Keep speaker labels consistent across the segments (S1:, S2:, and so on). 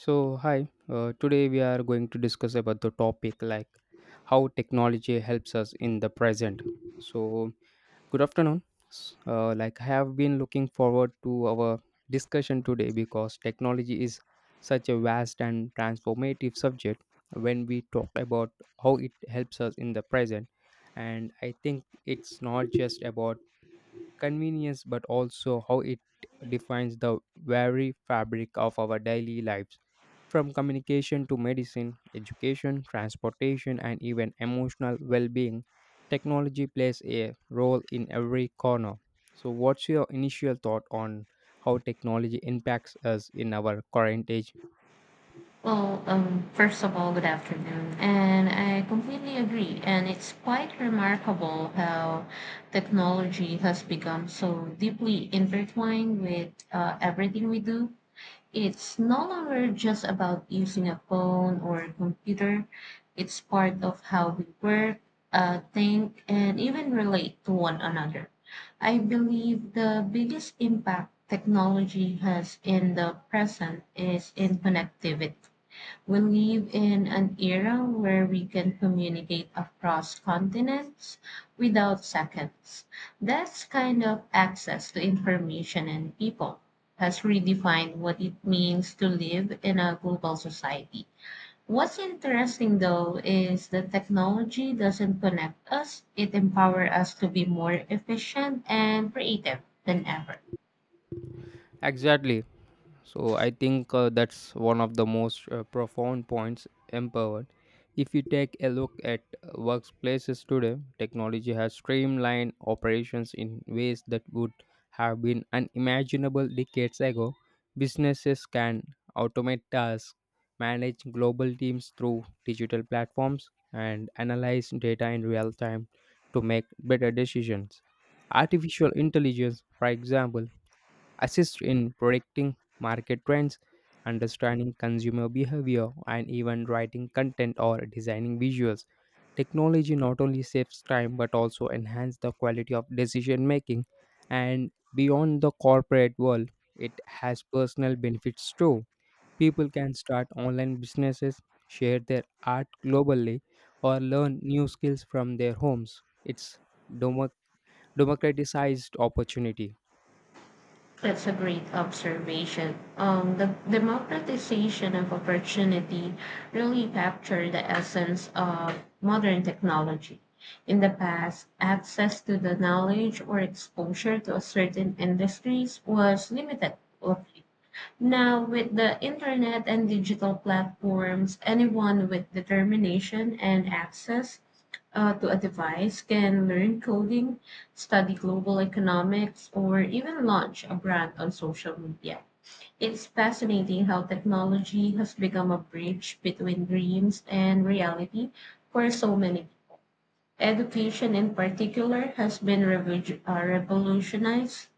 S1: So, hi, today we are going to discuss about the topic like how technology helps us in the present. So, good afternoon. Like I have been looking forward to our discussion today because technology is such a vast and transformative subject when we talk about how it helps us in the present. And I think it's not just about convenience but also how it defines the very fabric of our daily lives, from communication to medicine, education, transportation, and even emotional well-being. Technology plays a role in every corner. So, what's your initial thought on how technology impacts us in our current age?
S2: Well, first of all, good afternoon. And I completely agree. And it's quite remarkable how technology has become so deeply intertwined with everything we do. It's no longer just about using a phone or a computer, it's part of how we work, think, and even relate to one another. I believe the biggest impact technology has in the present is in connectivity. We live in an era where we can communicate across continents without seconds. That kind of access to information and people has redefined what it means to live in a global society. What's interesting though is that technology doesn't connect us, it empowers us to be more efficient and creative than ever.
S1: Exactly. So I think that's one of the most profound points empowered. If you take a look at workplaces today, technology has streamlined operations in ways that would have been unimaginable decades ago. Businesses can automate tasks, manage global teams through digital platforms, and analyze data in real time to make better decisions. Artificial intelligence, for example, assist in predicting market trends, understanding consumer behavior, and even writing content or designing visuals. Technology not only saves time but also enhances the quality of decision making. And beyond the corporate world, it has personal benefits too. People can start online businesses, share their art globally, or learn new skills from their homes. It's democ- democratized opportunity.
S2: That's a great observation. The democratization of opportunity really captured the essence of modern technology. In the past, access to the knowledge or exposure to a certain industries was limited. Now, with the internet and digital platforms, anyone with determination and access to a device can learn coding, study global economics, or even launch a brand on social media. It's fascinating how technology has become a bridge between dreams and reality for so many. Education, in particular, has been revolutionized.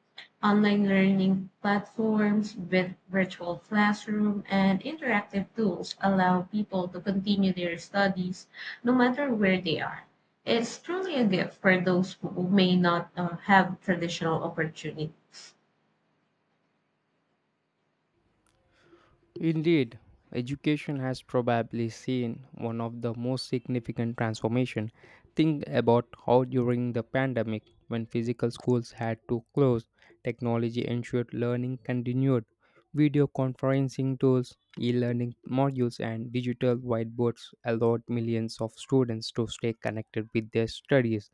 S2: Online learning platforms with virtual classroom and interactive tools allow people to continue their studies no matter where they are. It's truly a gift for those who may not have traditional opportunities.
S1: Indeed, education has probably seen one of the most significant transformation. Think about how during the pandemic, when physical schools had to close, technology ensured learning continued. Video conferencing tools, e-learning modules, and digital whiteboards allowed millions of students to stay connected with their studies.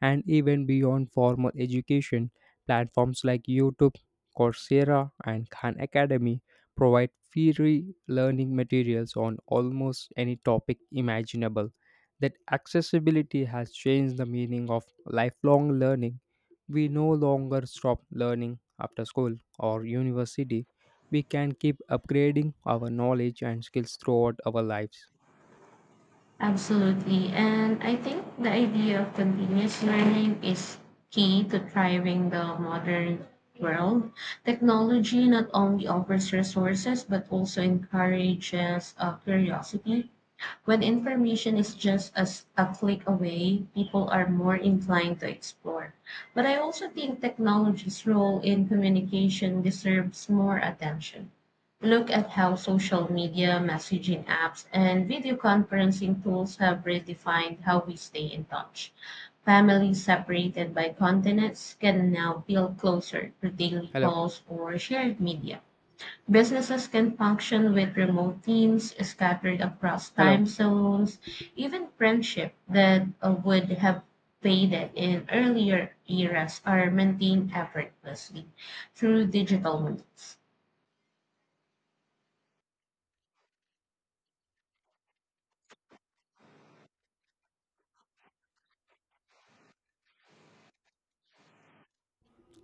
S1: And even beyond formal education, platforms like YouTube, Coursera, and Khan Academy provide free learning materials on almost any topic imaginable. That accessibility has changed the meaning of lifelong learning. We no longer stop learning after school or university. We can keep upgrading our knowledge and skills throughout our lives.
S2: Absolutely. And I think the idea of continuous learning is key to thriving the modern world. Technology not only offers resources but also encourages curiosity when information is just as a click away, people are more inclined to explore. But I also think technology's role in communication deserves more attention. Look at how social media, messaging apps, and video conferencing tools have redefined how we stay in touch. Families separated by continents can now feel closer through daily
S1: Hello,
S2: calls or shared media. Businesses can function with remote teams scattered across
S1: hello,
S2: time zones. Even friendship that would have faded in earlier eras are maintained effortlessly through digital means.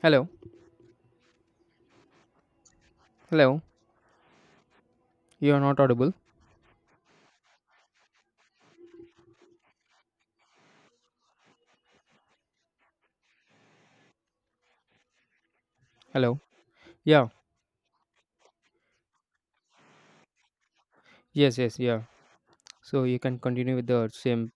S1: hello, hello. You are not audible. Hello. Yeah. Yes. Yes. Yeah. So you can continue with the same.